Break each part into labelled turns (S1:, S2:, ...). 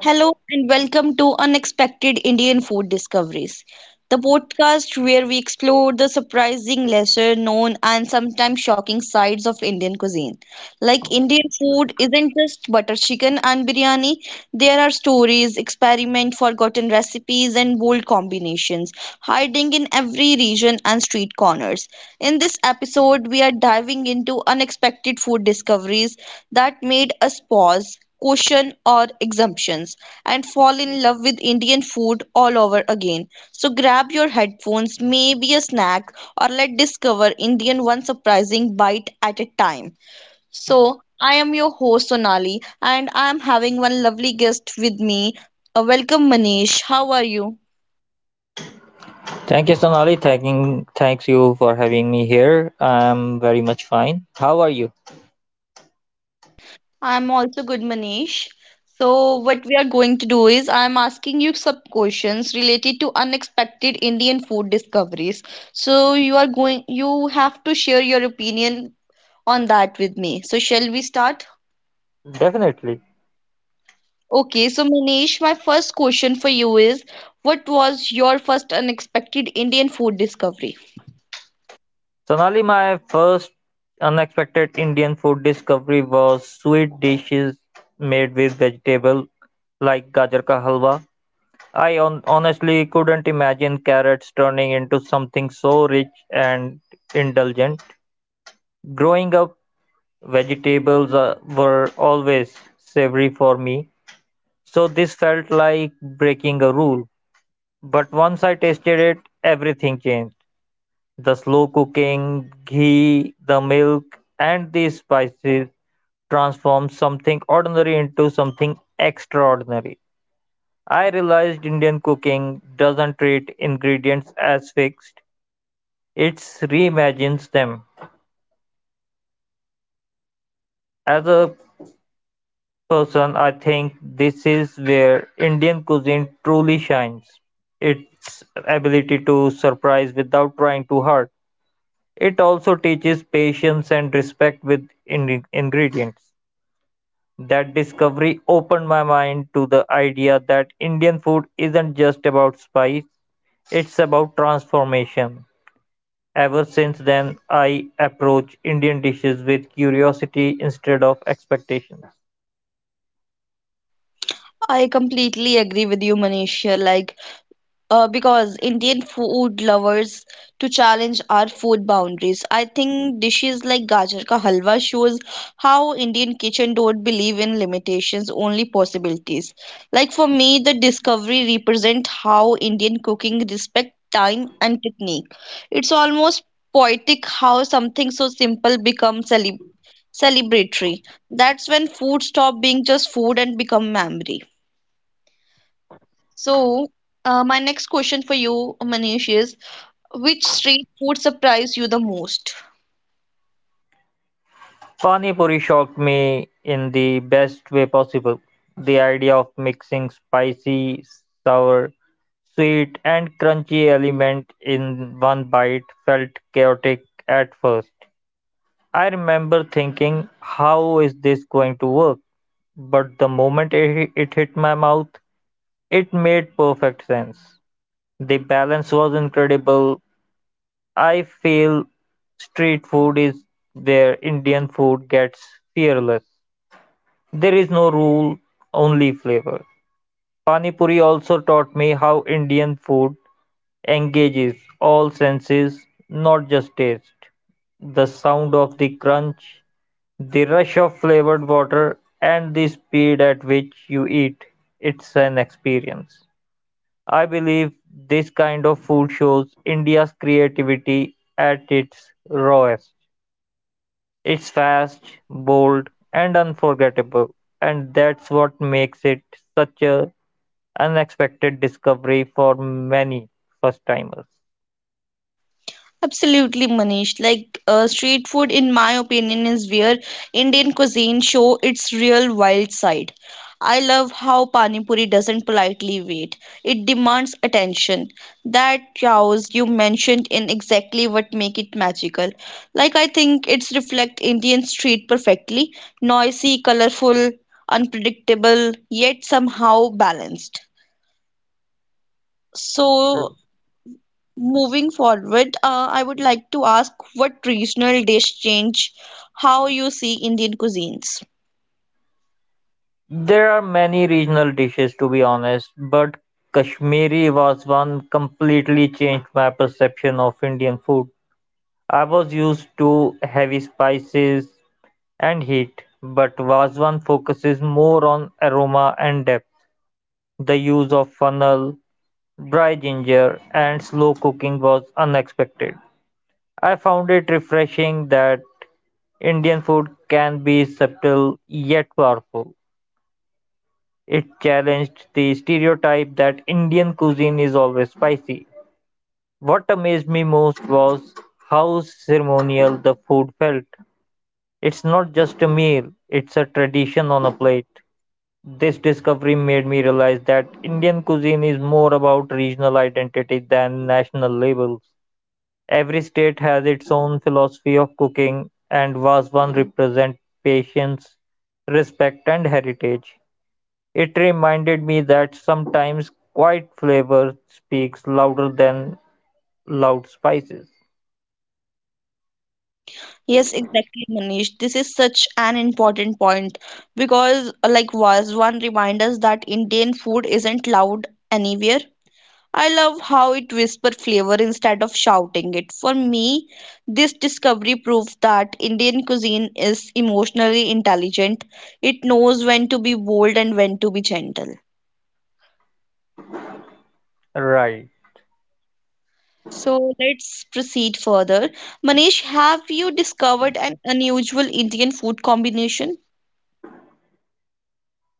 S1: Hello and welcome to Unexpected Indian Food Discoveries, the podcast where we explore the surprising, lesser known, and sometimes shocking sides of Indian cuisine. Like Indian food isn't just butter chicken and biryani. There are stories, experiment, forgotten recipes, and bold combinations hiding in every region and street corners. In this episode, we are diving into unexpected food discoveries that made us pause, question, or exemptions, and fall in love with Indian food all over again. So grab your headphones, maybe a snack, or let's discover Indian one surprising bite at a time. So, I am your host Sonali and I am having one lovely guest with me. Welcome Manish. How are you?
S2: Thank you, Sonali. Thanks you for having me here. I'm very much fine. How are you?
S1: I am also good Manish. So, what we are going to do is I am asking you some questions related to unexpected Indian food discoveries. So, you are going you have to share your opinion on that with me. So, shall we start?
S2: Definitely.
S1: Okay, so Manish, my first question for you is, what was your first unexpected Indian food discovery?
S2: Sonali, my first unexpected Indian food discovery was sweet dishes made with vegetable like gajar ka halwa. I honestly couldn't imagine carrots turning into something so rich and indulgent. Growing up, vegetables were always savory for me, so this felt like breaking a rule. But once I tasted it, everything changed. The slow cooking, ghee, the milk, and the spices transformed something ordinary into something extraordinary. I realized Indian cooking doesn't treat ingredients as fixed, it reimagines them. As a person, I think this is where Indian cuisine truly shines its ability to surprise without trying too hard. It also teaches patience and respect with ingredients. That discovery opened my mind to the idea that Indian food isn't just about spice, it's about transformation. Ever since then, I approach Indian dishes with curiosity instead of expectations.
S1: I completely agree with you, Manisha. Like, because Indian food lovers to challenge our food boundaries. I think dishes like gajar ka halwa shows how Indian kitchen don't believe in limitations, only possibilities. Like for me, the discovery represent how Indian cooking respect time and technique. It's almost poetic how something so simple becomes celebratory. That's when food stop being just food and become memory. So, my next question for you, Manish, is which street food surprised you the most?
S2: Pani puri shocked me in the best way possible. The idea of mixing spicy, sour, sweet, and crunchy element in one bite felt chaotic at first. I remember thinking, how is this going to work? But the moment it hit my mouth, it made perfect sense. The balance was incredible. I feel street food is where Indian food gets fearless. There is no rule, only flavor. Pani Puri also taught me how Indian food engages all senses, not just taste. The sound of the crunch, the rush of flavored water, and the speed at which you eat. It's an experience. I believe this kind of food shows India's creativity at its rawest. It's fast, bold, and unforgettable, and that's what makes it such a unexpected discovery for many first-timers.
S1: Absolutely, Manish. Like street food, in my opinion, is where Indian cuisine show its real wild side. I love how Pani Puri doesn't politely wait. It demands attention. That chaos you mentioned in exactly what make it magical. Like I think it's reflect Indian street perfectly. Noisy, colorful, unpredictable, yet somehow balanced. So moving forward, I would like to ask what regional dish change how you see Indian cuisines?
S2: There are many regional dishes to be honest, but Kashmiri was one completely changed my perception of Indian food. I was used to heavy spices and heat, but Vazwan focuses more on aroma and depth. The use of funnel, dry ginger and slow cooking was unexpected. I found it refreshing that Indian food can be subtle yet powerful. It challenged the stereotype that Indian cuisine is always spicy. What amazed me most was how ceremonial the food felt. It's not just a meal, it's a tradition on a plate. This discovery made me realize that Indian cuisine is more about regional identity than national labels. Every state has its own philosophy of cooking, and Vazwan represents patience, respect, and heritage. It reminded me that sometimes quiet flavor speaks louder than loud spices.
S1: Yes, exactly, Manish. This is such an important point because, like Vazwan reminds us that Indian food isn't loud anywhere. I love how it whispers flavor instead of shouting it. For me, this discovery proves that Indian cuisine is emotionally intelligent. It knows when to be bold and when to be gentle.
S2: Right.
S1: So let's proceed further. Manish, have you discovered an unusual Indian food combination?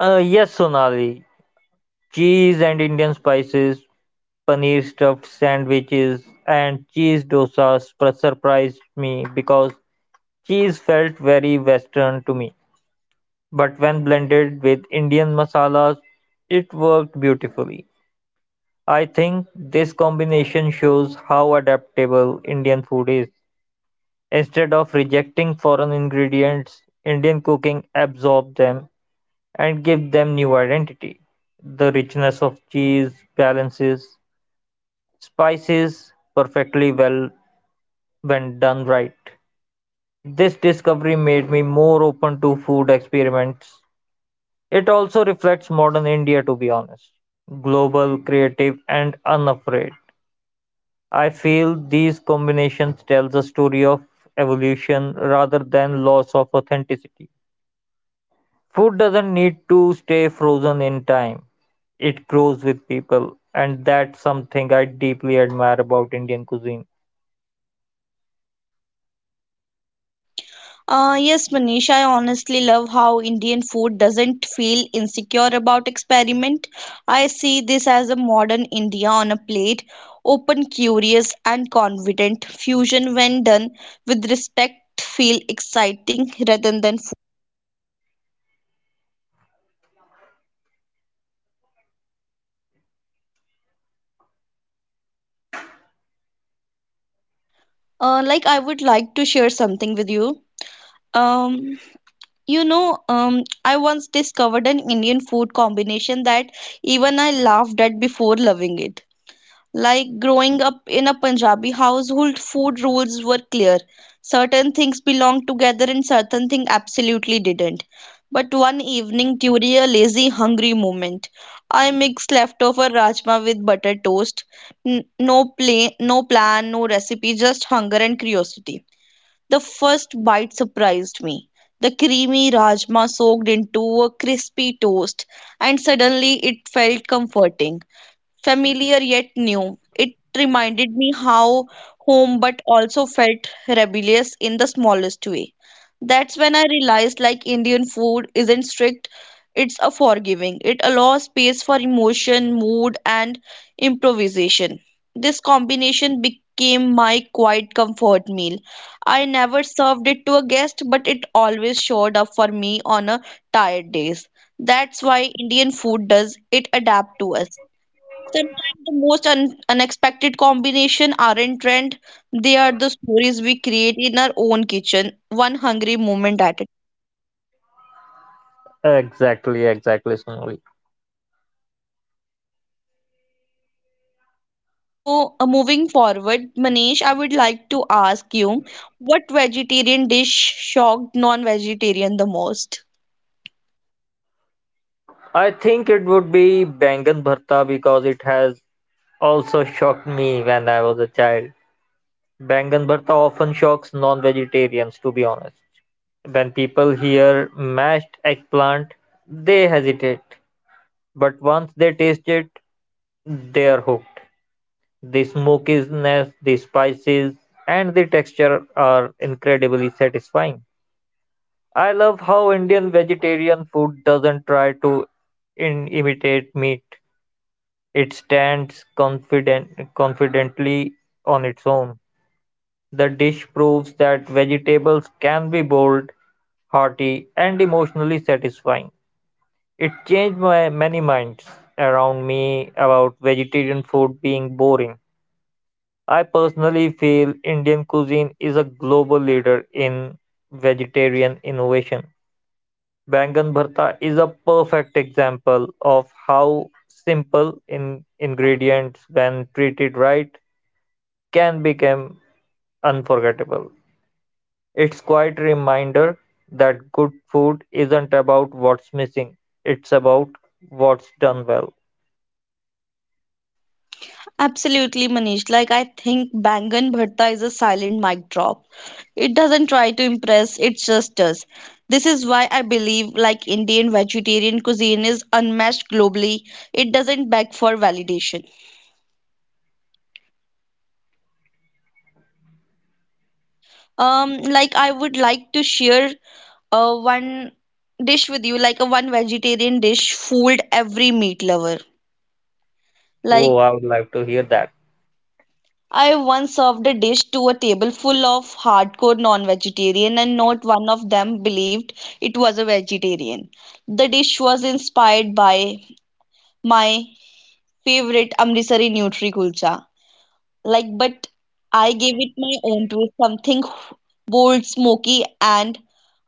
S2: Yes, Sonali. Cheese and Indian spices, paneer stuffed sandwiches, and cheese dosas surprised me because cheese felt very Western to me, but when blended with Indian masalas, it worked beautifully. I think this combination shows how adaptable Indian food is. Instead of rejecting foreign ingredients, Indian cooking absorbs them and gives them new identity. The richness of cheese balances spices perfectly well when done right. This discovery made me more open to food experiments. It also reflects modern India, to be honest. Global, creative and unafraid. I feel these combinations tells a story of evolution rather than loss of authenticity. Food doesn't need to stay frozen in time. It grows with people and that's something I deeply admire about Indian cuisine.
S1: Yes, Manish, I honestly love how Indian food doesn't feel insecure about experiment. I see this as a modern India on a plate, open, curious, and confident. Fusion, when done with respect, feel exciting rather than. Like I would like to share something with you. Um, I once discovered an Indian food combination that even I laughed at before loving it. Like growing up in a Punjabi household, food rules were clear. Certain things belonged together and certain things absolutely didn't. But one evening, during a lazy, hungry moment, I mixed leftover rajma with butter toast. No plan, no recipe, just hunger and curiosity. The first bite surprised me. The creamy rajma soaked into a crispy toast, and suddenly it felt comforting. Familiar yet new. It reminded me how home but also felt rebellious in the smallest way. That's when I realized like Indian food isn't strict, it's a forgiving. It allows space for emotion, mood and improvisation. This combination became my quiet comfort meal. I never served it to a guest, but it always showed up for me on a tired days. That's why Indian food does it adapt to us. Sometimes the most un unexpected combination aren't trend, they are the stories we create in our own kitchen, one hungry moment at a time.
S2: Exactly, Sonali.
S1: So, moving forward, Manish, I would like to ask you what vegetarian dish shocked non-vegetarian the most?
S2: I think it would be Bangan Bharta because it has also shocked me when I was a child. Bangan bharta often shocks non-vegetarians, to be honest. When people hear mashed eggplant, they hesitate. But once they taste it, they are hooked. The smokiness, the spices, and the texture are incredibly satisfying. I love how Indian vegetarian food doesn't try to imitate meat. It stands confidently on its own. The dish proves that vegetables can be bold, hearty, and emotionally satisfying. It changed my many minds around me about vegetarian food being boring. I personally feel Indian cuisine is a global leader in vegetarian innovation. Bangan bharta is a perfect example of how simple in ingredients when treated right can become unforgettable. It's quite a reminder that good food isn't about what's missing, it's about what's done well.
S1: Absolutely, Manish. Like, I think Bangan Bharta is a silent mic drop. It doesn't try to impress, it just does. This is why I believe, like, Indian vegetarian cuisine is unmatched globally. It doesn't beg for validation. Like, I would like to share one dish with you, like a one vegetarian dish fooled every meat lover.
S2: Oh,
S1: Like
S2: I would like to hear that.
S1: I once served a dish to a table full of hardcore non-vegetarian and not one of them believed it was a vegetarian. The dish was inspired by my favorite Amritsari Nutri Kulcha like, but I gave it my own twist, something bold, smoky, and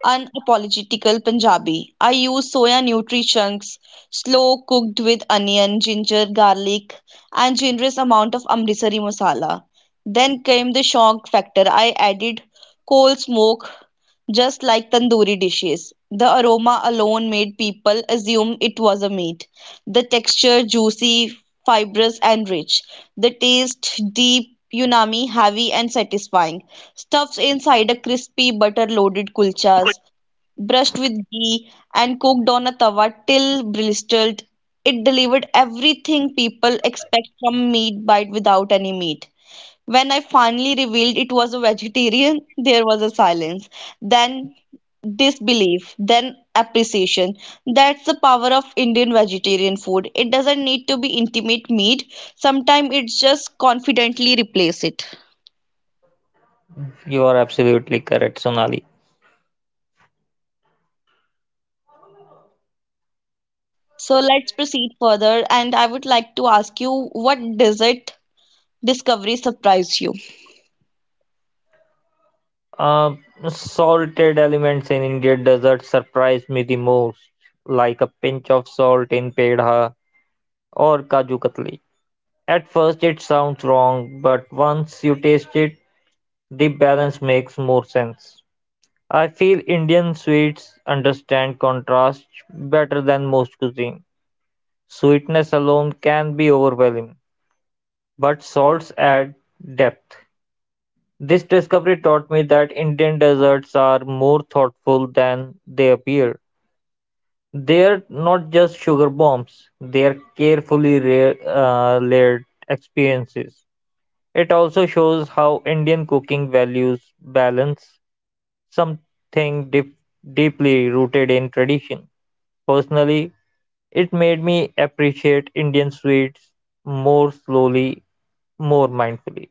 S1: unapologetical Punjabi. I used soya nutri chunks, slow cooked with onion, ginger, garlic, and generous amount of Amritsari masala. Then came the shock factor. I added coal smoke, just like tandoori dishes. The aroma alone made people assume it was a meat. The texture juicy, fibrous, and rich. The taste deep, umami, heavy and satisfying. Stuffed inside a crispy butter-loaded kulchas, brushed with ghee and cooked on a tawa till blistered. It delivered everything people expect from meat bite without any meat. When I finally revealed it was a vegetarian, there was a silence. Then disbelief, then appreciation. That's the power of Indian vegetarian food. It doesn't need to be intimate meat. Sometimes it's just confidently replace it.
S2: You are absolutely correct, Sonali.
S1: So let's proceed further, and I would like to ask you what dessert discovery surprised you?
S2: Uh, Salted elements in Indian desserts surprise me the most, like a pinch of salt in pedha or kaju katli. At first, it sounds wrong, but once you taste it, the balance makes more sense. I feel Indian sweets understand contrast better than most cuisine. Sweetness alone can be overwhelming, but salts add depth. This discovery taught me that Indian desserts are more thoughtful than they appear. They're not just sugar bombs, they're carefully layered experiences. It also shows how Indian cooking values balance, something deeply rooted in tradition. Personally, it made me appreciate Indian sweets more slowly, more mindfully.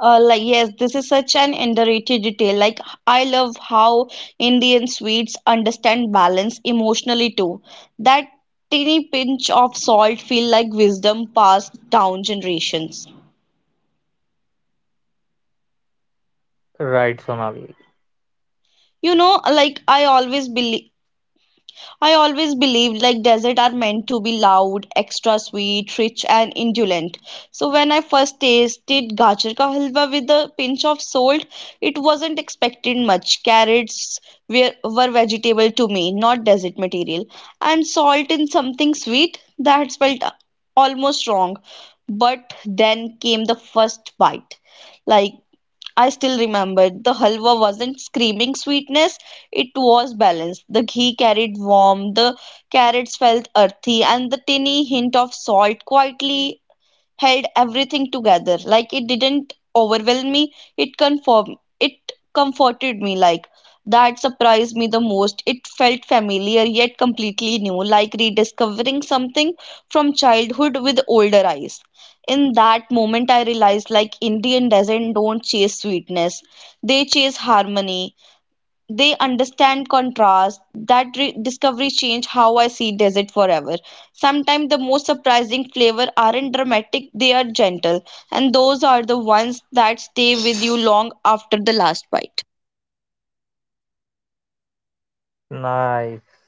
S1: Like yes, this is such an underrated detail. Like I love how Indian sweets understand balance emotionally too. That tiny pinch of salt feel like wisdom passed down generations.
S2: Right, Sonali.
S1: Like I always believed like desserts are meant to be loud, extra sweet, rich and indulgent. So when I first tasted gajar ka halwa with a pinch of salt, it wasn't expected much. Carrots were vegetable to me, not desert material. And salt in something sweet, that felt almost wrong. But then came the first bite. Like I still remember the halwa wasn't screaming sweetness, it was balanced. The ghee carried warmth, the carrots felt earthy, and the tiny hint of salt quietly held everything together. Like it didn't overwhelm me. It comforted me. Like that surprised me the most. It felt familiar yet completely new, like rediscovering something from childhood with older eyes. In that moment I realized like Indian doesn't don't chase sweetness. They chase harmony they understand contrast. That discovery changed how I see desert forever. Sometimes the most surprising flavor aren't dramatic, they are gentle. And those are the ones that stay with you long after the last bite.
S2: Nice.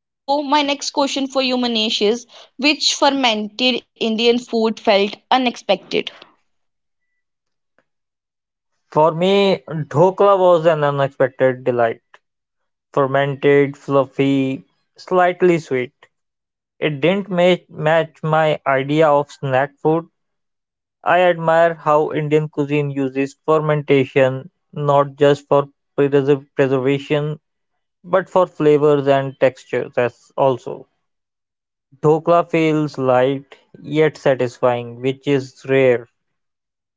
S1: So, my next question for you, Manish, is which fermented Indian food felt unexpected?
S2: For me, dhokla was an unexpected delight. Fermented, fluffy, slightly sweet. It didn't match my idea of snack food. I admire how Indian cuisine uses fermentation not just for preservation but for flavors and textures as also. Dhokla feels light yet satisfying, which is rare.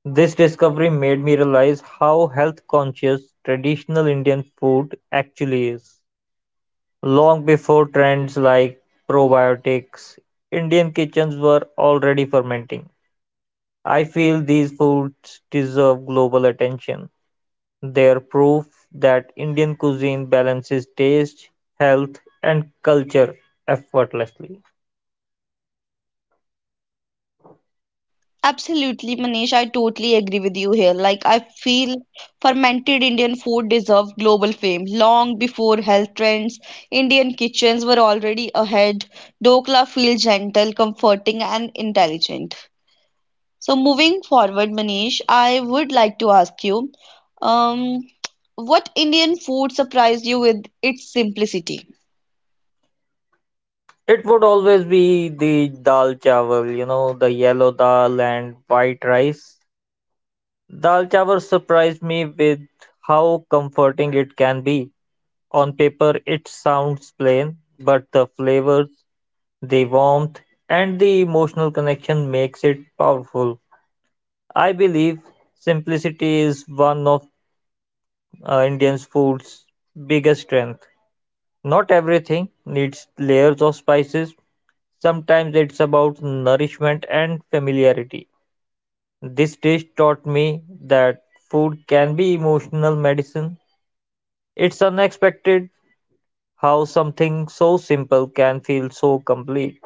S2: This discovery made me realize how health conscious traditional Indian food actually is. Long before trends like probiotics, Indian kitchens were already fermenting. I feel these foods deserve global attention. They are proof that Indian cuisine balances taste, health, and culture effortlessly.
S1: Absolutely, Manish. I totally agree with you here. Like, I feel fermented Indian food deserved global fame long before health trends. Indian kitchens were already ahead. Dokla feels gentle, comforting, and intelligent. So, moving forward, Manish, I would like to ask you, um, what Indian food surprised you with its simplicity?
S2: It would always be the dal chawal, you know, the yellow dal and white rice. Dal chawal surprised me with how comforting it can be. On paper, it sounds plain, but the flavors, the warmth, and the emotional connection makes it powerful. I believe simplicity is one of Indian food's biggest strength. Not everything needs layers of spices. Sometimes it's about nourishment and familiarity. This dish taught me that food can be emotional medicine. It's unexpected how something so simple can feel so complete.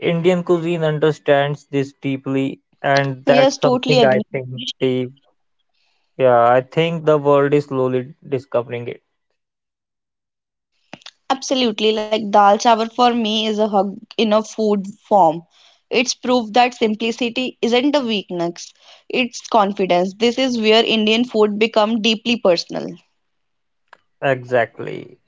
S2: Indian cuisine understands this deeply, and that's
S1: Yes,
S2: something
S1: totally
S2: I
S1: agree.
S2: think the yeah, I think the world is slowly discovering it.
S1: Absolutely, like dal chawal for me is a hug in a food form. It's proof that simplicity isn't a weakness, it's confidence. This is where Indian food become deeply personal.
S2: Exactly.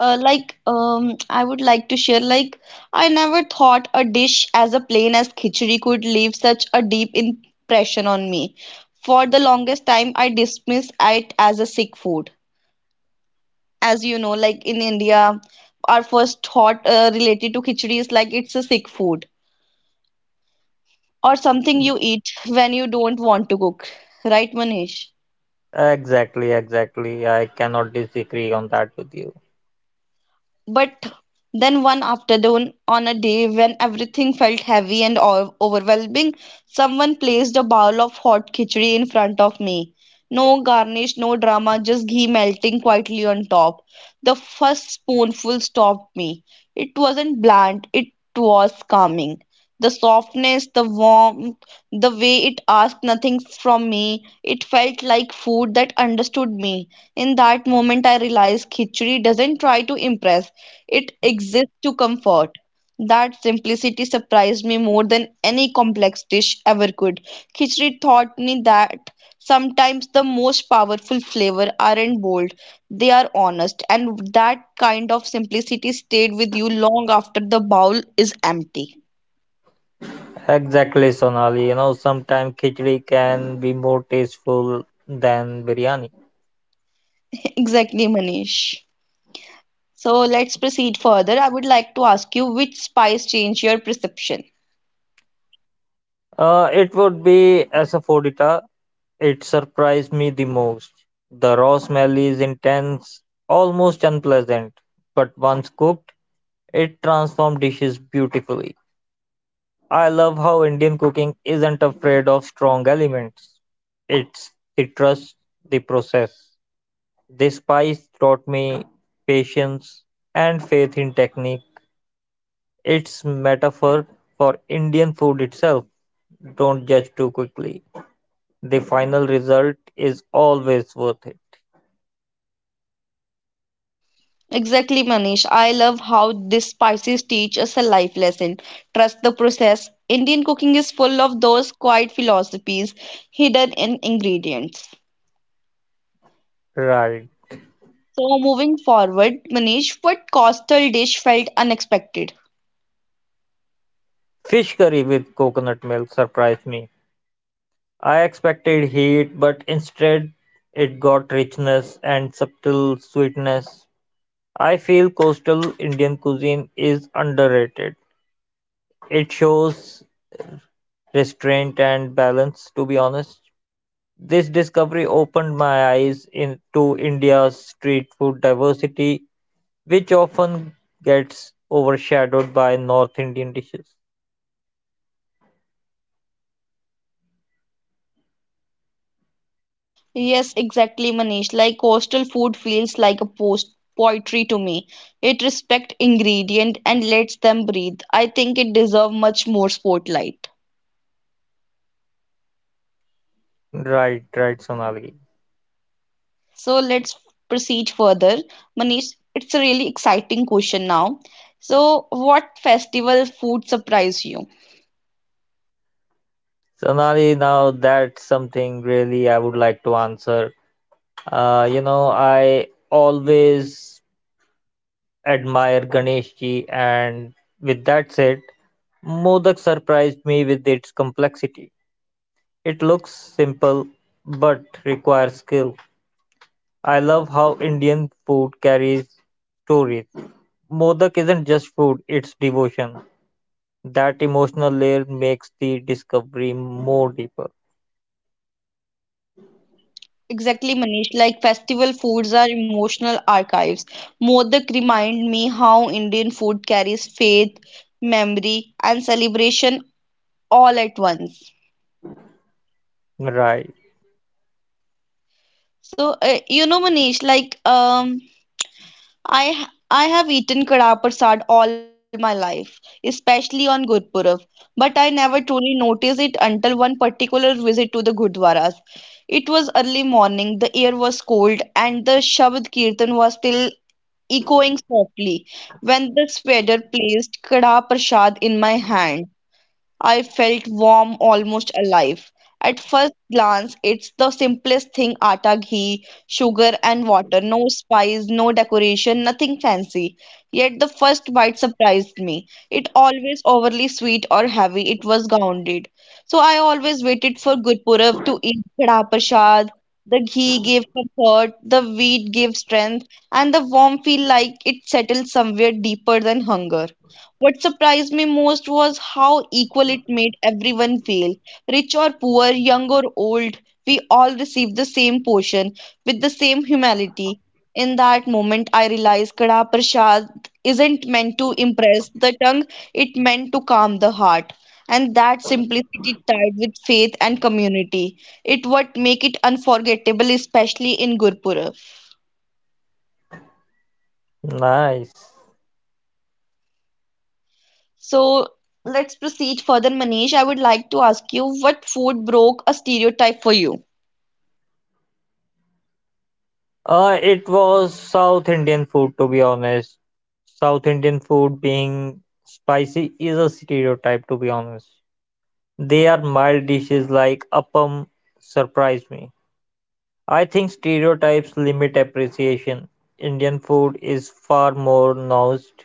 S1: Like I would like to share like I never thought a dish as a plain as khichdi could leave such a deep impression on me. For the longest time, I dismissed it as a sick food. As you know, like in India, our first thought related to khichdi is like it's a sick food or something you eat when you don't want to cook, right, Manish?
S2: Exactly. I cannot disagree on that with you.
S1: But then one afternoon, on a day when everything felt heavy and overwhelming, someone placed a bowl of hot khichdi in front of me. No garnish, no drama, just ghee melting quietly on top. The first spoonful stopped me. It wasn't bland, it was calming. The softness, the warmth, the way it asked nothing from me, it felt like food that understood me. In that moment, I realized khichdi doesn't try to impress. It exists to comfort. That simplicity surprised me more than any complex dish ever could. Khichdi taught me that sometimes the most powerful flavor aren't bold, they are honest, and that kind of simplicity stayed with you long after the bowl is empty.
S2: Exactly, Sonali. You know, sometimes khichdi can be more tasteful than biryani.
S1: Exactly, Manish. So let's proceed further. I would like to ask you which spice changed your perception?
S2: It would be asafoetida. It surprised me the most. The raw smell is intense, almost unpleasant, but once cooked, it transforms dishes beautifully. I love how Indian cooking isn't afraid of strong elements. It trusts the process. This spice taught me patience and faith in technique. It's metaphor for Indian food itself. Don't judge too quickly. The final result is always worth it.
S1: Exactly, Manish. I love how this spices teach us a life lesson. Trust the process. Indian cooking is full of those quiet philosophies hidden in ingredients.
S2: Right.
S1: So, moving forward, Manish, what coastal dish felt unexpected?
S2: Fish curry with coconut milk surprised me. I expected heat, but instead it got richness and subtle sweetness. I feel coastal Indian cuisine is underrated. It shows restraint and balance, to be honest. This discovery opened my eyes in, to India's street food diversity, which often gets overshadowed by North Indian dishes.
S1: Yes, exactly, Manish. Like coastal food feels like a post poetry to me. It respects ingredient and lets them breathe. I think it deserves much more spotlight.
S2: Right, Sonali.
S1: So let's proceed further. Manish, it's a really exciting question now. So, what festival food surprised you?
S2: Sonali, now that's something really I would like to answer. You know, I always admire Ganesh ji, and with that said, Modak surprised me with its complexity. It looks simple but requires skill. I love how Indian food carries stories. Modak isn't just food, it's devotion. That emotional layer makes the discovery more deeper.
S1: Exactly, Manish. Like festival foods are emotional archives. Modak remind me how Indian food carries faith, memory, and celebration all at once.
S2: Right.
S1: Manish, I have eaten kada prasad all my life, especially on Gurpurab, but I never truly noticed it until one particular visit to the Gurdwaras. It was early morning, the air was cold, and the Shabad Kirtan was still echoing softly when the waiter placed kada prasad in my hand. I felt warm, almost alive. At first glance, it's the simplest thing: atta, ghee, sugar, and water. No spice, no decoration, nothing fancy. Yet the first bite surprised me. It always overly sweet or heavy, it was grounded. So I always waited for Gurpurab to eat khada prasad. The ghee gave comfort, the wheat gave strength, and the warm feel like it settled somewhere deeper than hunger. What surprised me most was how equal it made everyone feel. Rich or poor, young or old, we all received the same portion with the same humility. In that moment, I realized Kada Prasad isn't meant to impress the tongue, it meant to calm the heart. And that simplicity tied with faith and community. It what make it unforgettable, especially in Gurpur.
S2: Nice.
S1: So let's proceed further, Manish. I would like to ask you, what food broke a stereotype for you?
S2: It was South Indian food, to be honest. South Indian food being spicy is a stereotype, to be honest. Their mild dishes like appam surprised me. I think stereotypes limit appreciation. Indian food is far more nuanced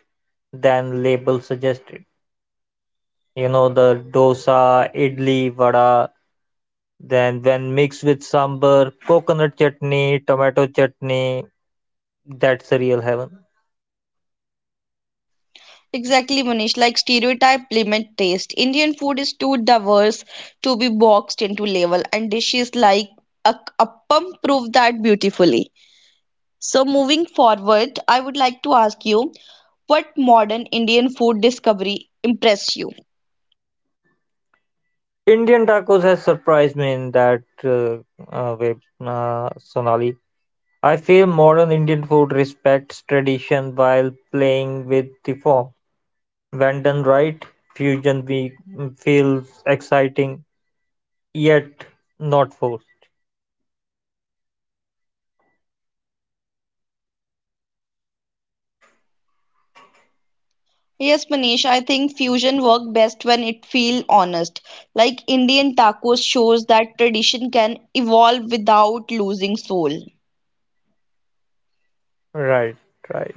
S2: than labels suggested. You know, the dosa, idli, vada, then when mixed with sambar, coconut chutney, tomato chutney, that's a real heaven.
S1: Exactly, Manish. Like stereotype limit taste. Indian food is too diverse to be boxed into label, and dishes like a appam prove that beautifully. So moving forward, I would like to ask you, what modern Indian food discovery impressed you?
S2: Indian tacos has surprised me in that way, Sonali. I feel modern Indian food respects tradition while playing with the form. When done right, fusion week feels exciting yet not forced.
S1: Yes, Manish, I think fusion work best when it feel honest. Like Indian tacos shows that tradition can evolve without losing soul.
S2: Right, right,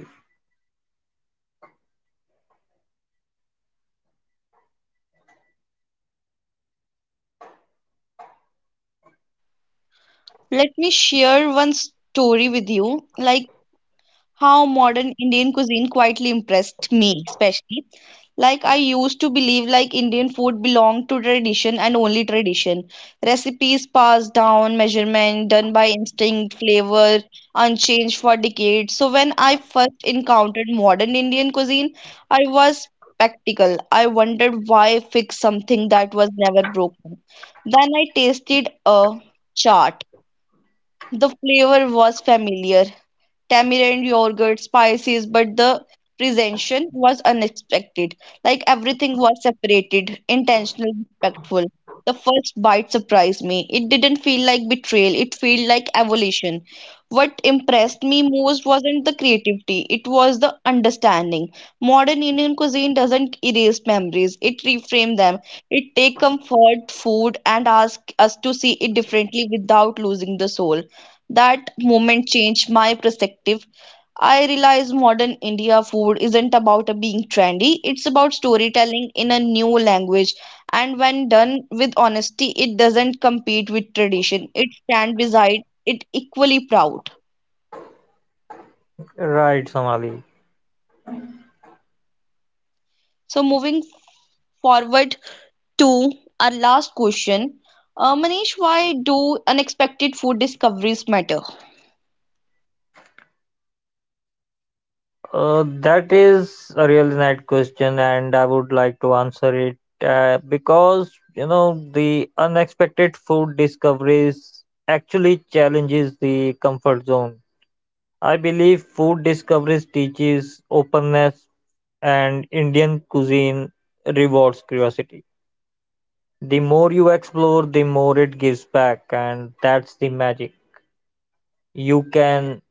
S1: Let me share one story with you. Like how modern Indian cuisine quietly impressed me, especially. Like I used to believe like Indian food belonged to tradition and only tradition. Recipes passed down, measurement done by instinct, flavor unchanged for decades. So when I first encountered modern Indian cuisine, I was skeptical. I wondered why fix something that was never broken. Then I tasted a chaat. The flavor was familiar, tamarind, yogurt, spices, but the presentation was unexpected. Like everything was separated, intentional, respectful. The first bite surprised me. It didn't feel like betrayal, it felt like evolution. What impressed me most wasn't the creativity, it was the understanding. Modern Indian cuisine doesn't erase memories, it reframes them. It takes comfort, food, and asks us to see it differently without losing the soul. That moment changed my perspective. I realized modern India food isn't about being trendy, it's about storytelling in a new language. And when done with honesty, it doesn't compete with tradition, it stands beside it equally proud.
S2: right, Somali.
S1: So, moving forward to our last question. Manish, why do unexpected food discoveries matter?
S2: That is a really nice question, and I would like to answer it because you know the unexpected food discoveries actually challenges the comfort zone. I believe food discoveries teaches openness, and Indian cuisine rewards curiosity. The more you explore, the more it gives back, and that's the magic. You can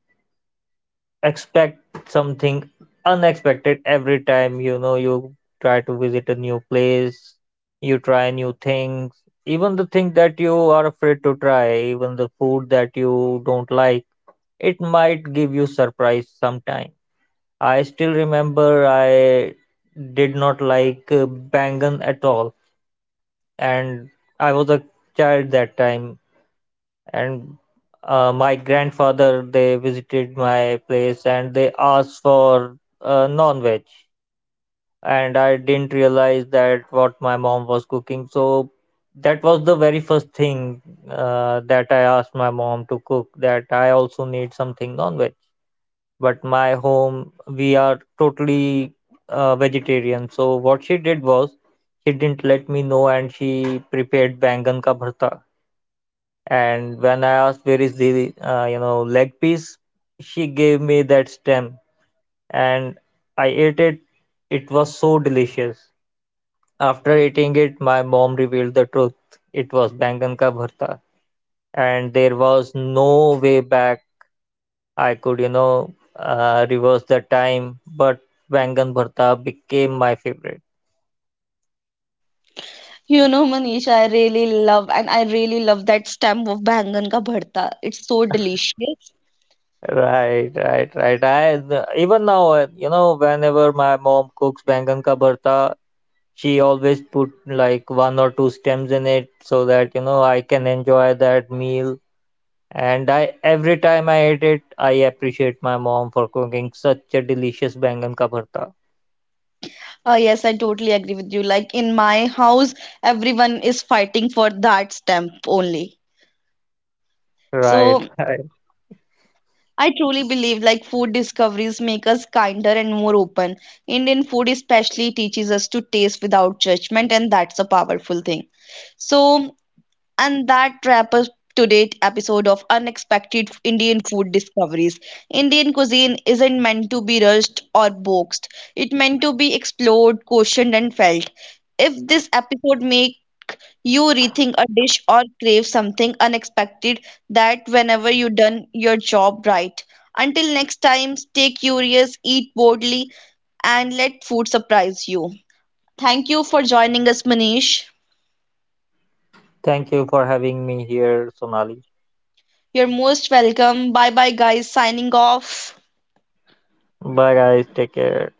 S2: expect something unexpected every time, you know, you try to visit a new place, you try new things, even the thing that you are afraid to try, even the food that you don't like, it might give you surprise sometime. I still remember I did not like bangan at all, and I was a child that time and my grandfather they visited my place and they asked for non-veg, and I didn't realize that what my mom was cooking, so that was the very first thing that I asked my mom to cook, that I also need something non-veg. But my home we are totally vegetarian, so what she did was she didn't let me know and she prepared bangan ka bharta. And when I asked where is the you know leg piece, she gave me that stem, and I ate it. It was so delicious. After eating it, my mom revealed the truth. It was bangan ka bharta, and there was no way back. I could you know reverse the time, but bangan bharta became my favorite.
S1: You know, Manish, I really love that stem of bangan ka bharta. It's so delicious.
S2: Right. I even now, you know, whenever my mom cooks bangan ka bharta, she always put like one or two stems in it so that you know I can enjoy that meal. And I every time I ate it, I appreciate my mom for cooking such a delicious bangan ka bharta.
S1: Oh, yes, I totally agree with you. Like in my house, everyone is fighting for that stamp only. So
S2: Right.
S1: I truly believe like food discoveries make us kinder and more open. Indian food especially teaches us to taste without judgment, and that's a powerful thing. So And that wraps up today's episode of Unexpected Indian Food Discoveries. Indian cuisine isn't meant to be rushed or boxed. It's meant to be explored, questioned, and felt. If this episode make you rethink a dish or crave something unexpected, that whenever you done your job right. Until next time, stay curious, eat boldly, and let food surprise you. Thank you for joining us, Manish.
S2: Thank you for having me here, Sonali.
S1: You're most welcome. Bye bye guys, signing off.
S2: Bye guys, take care.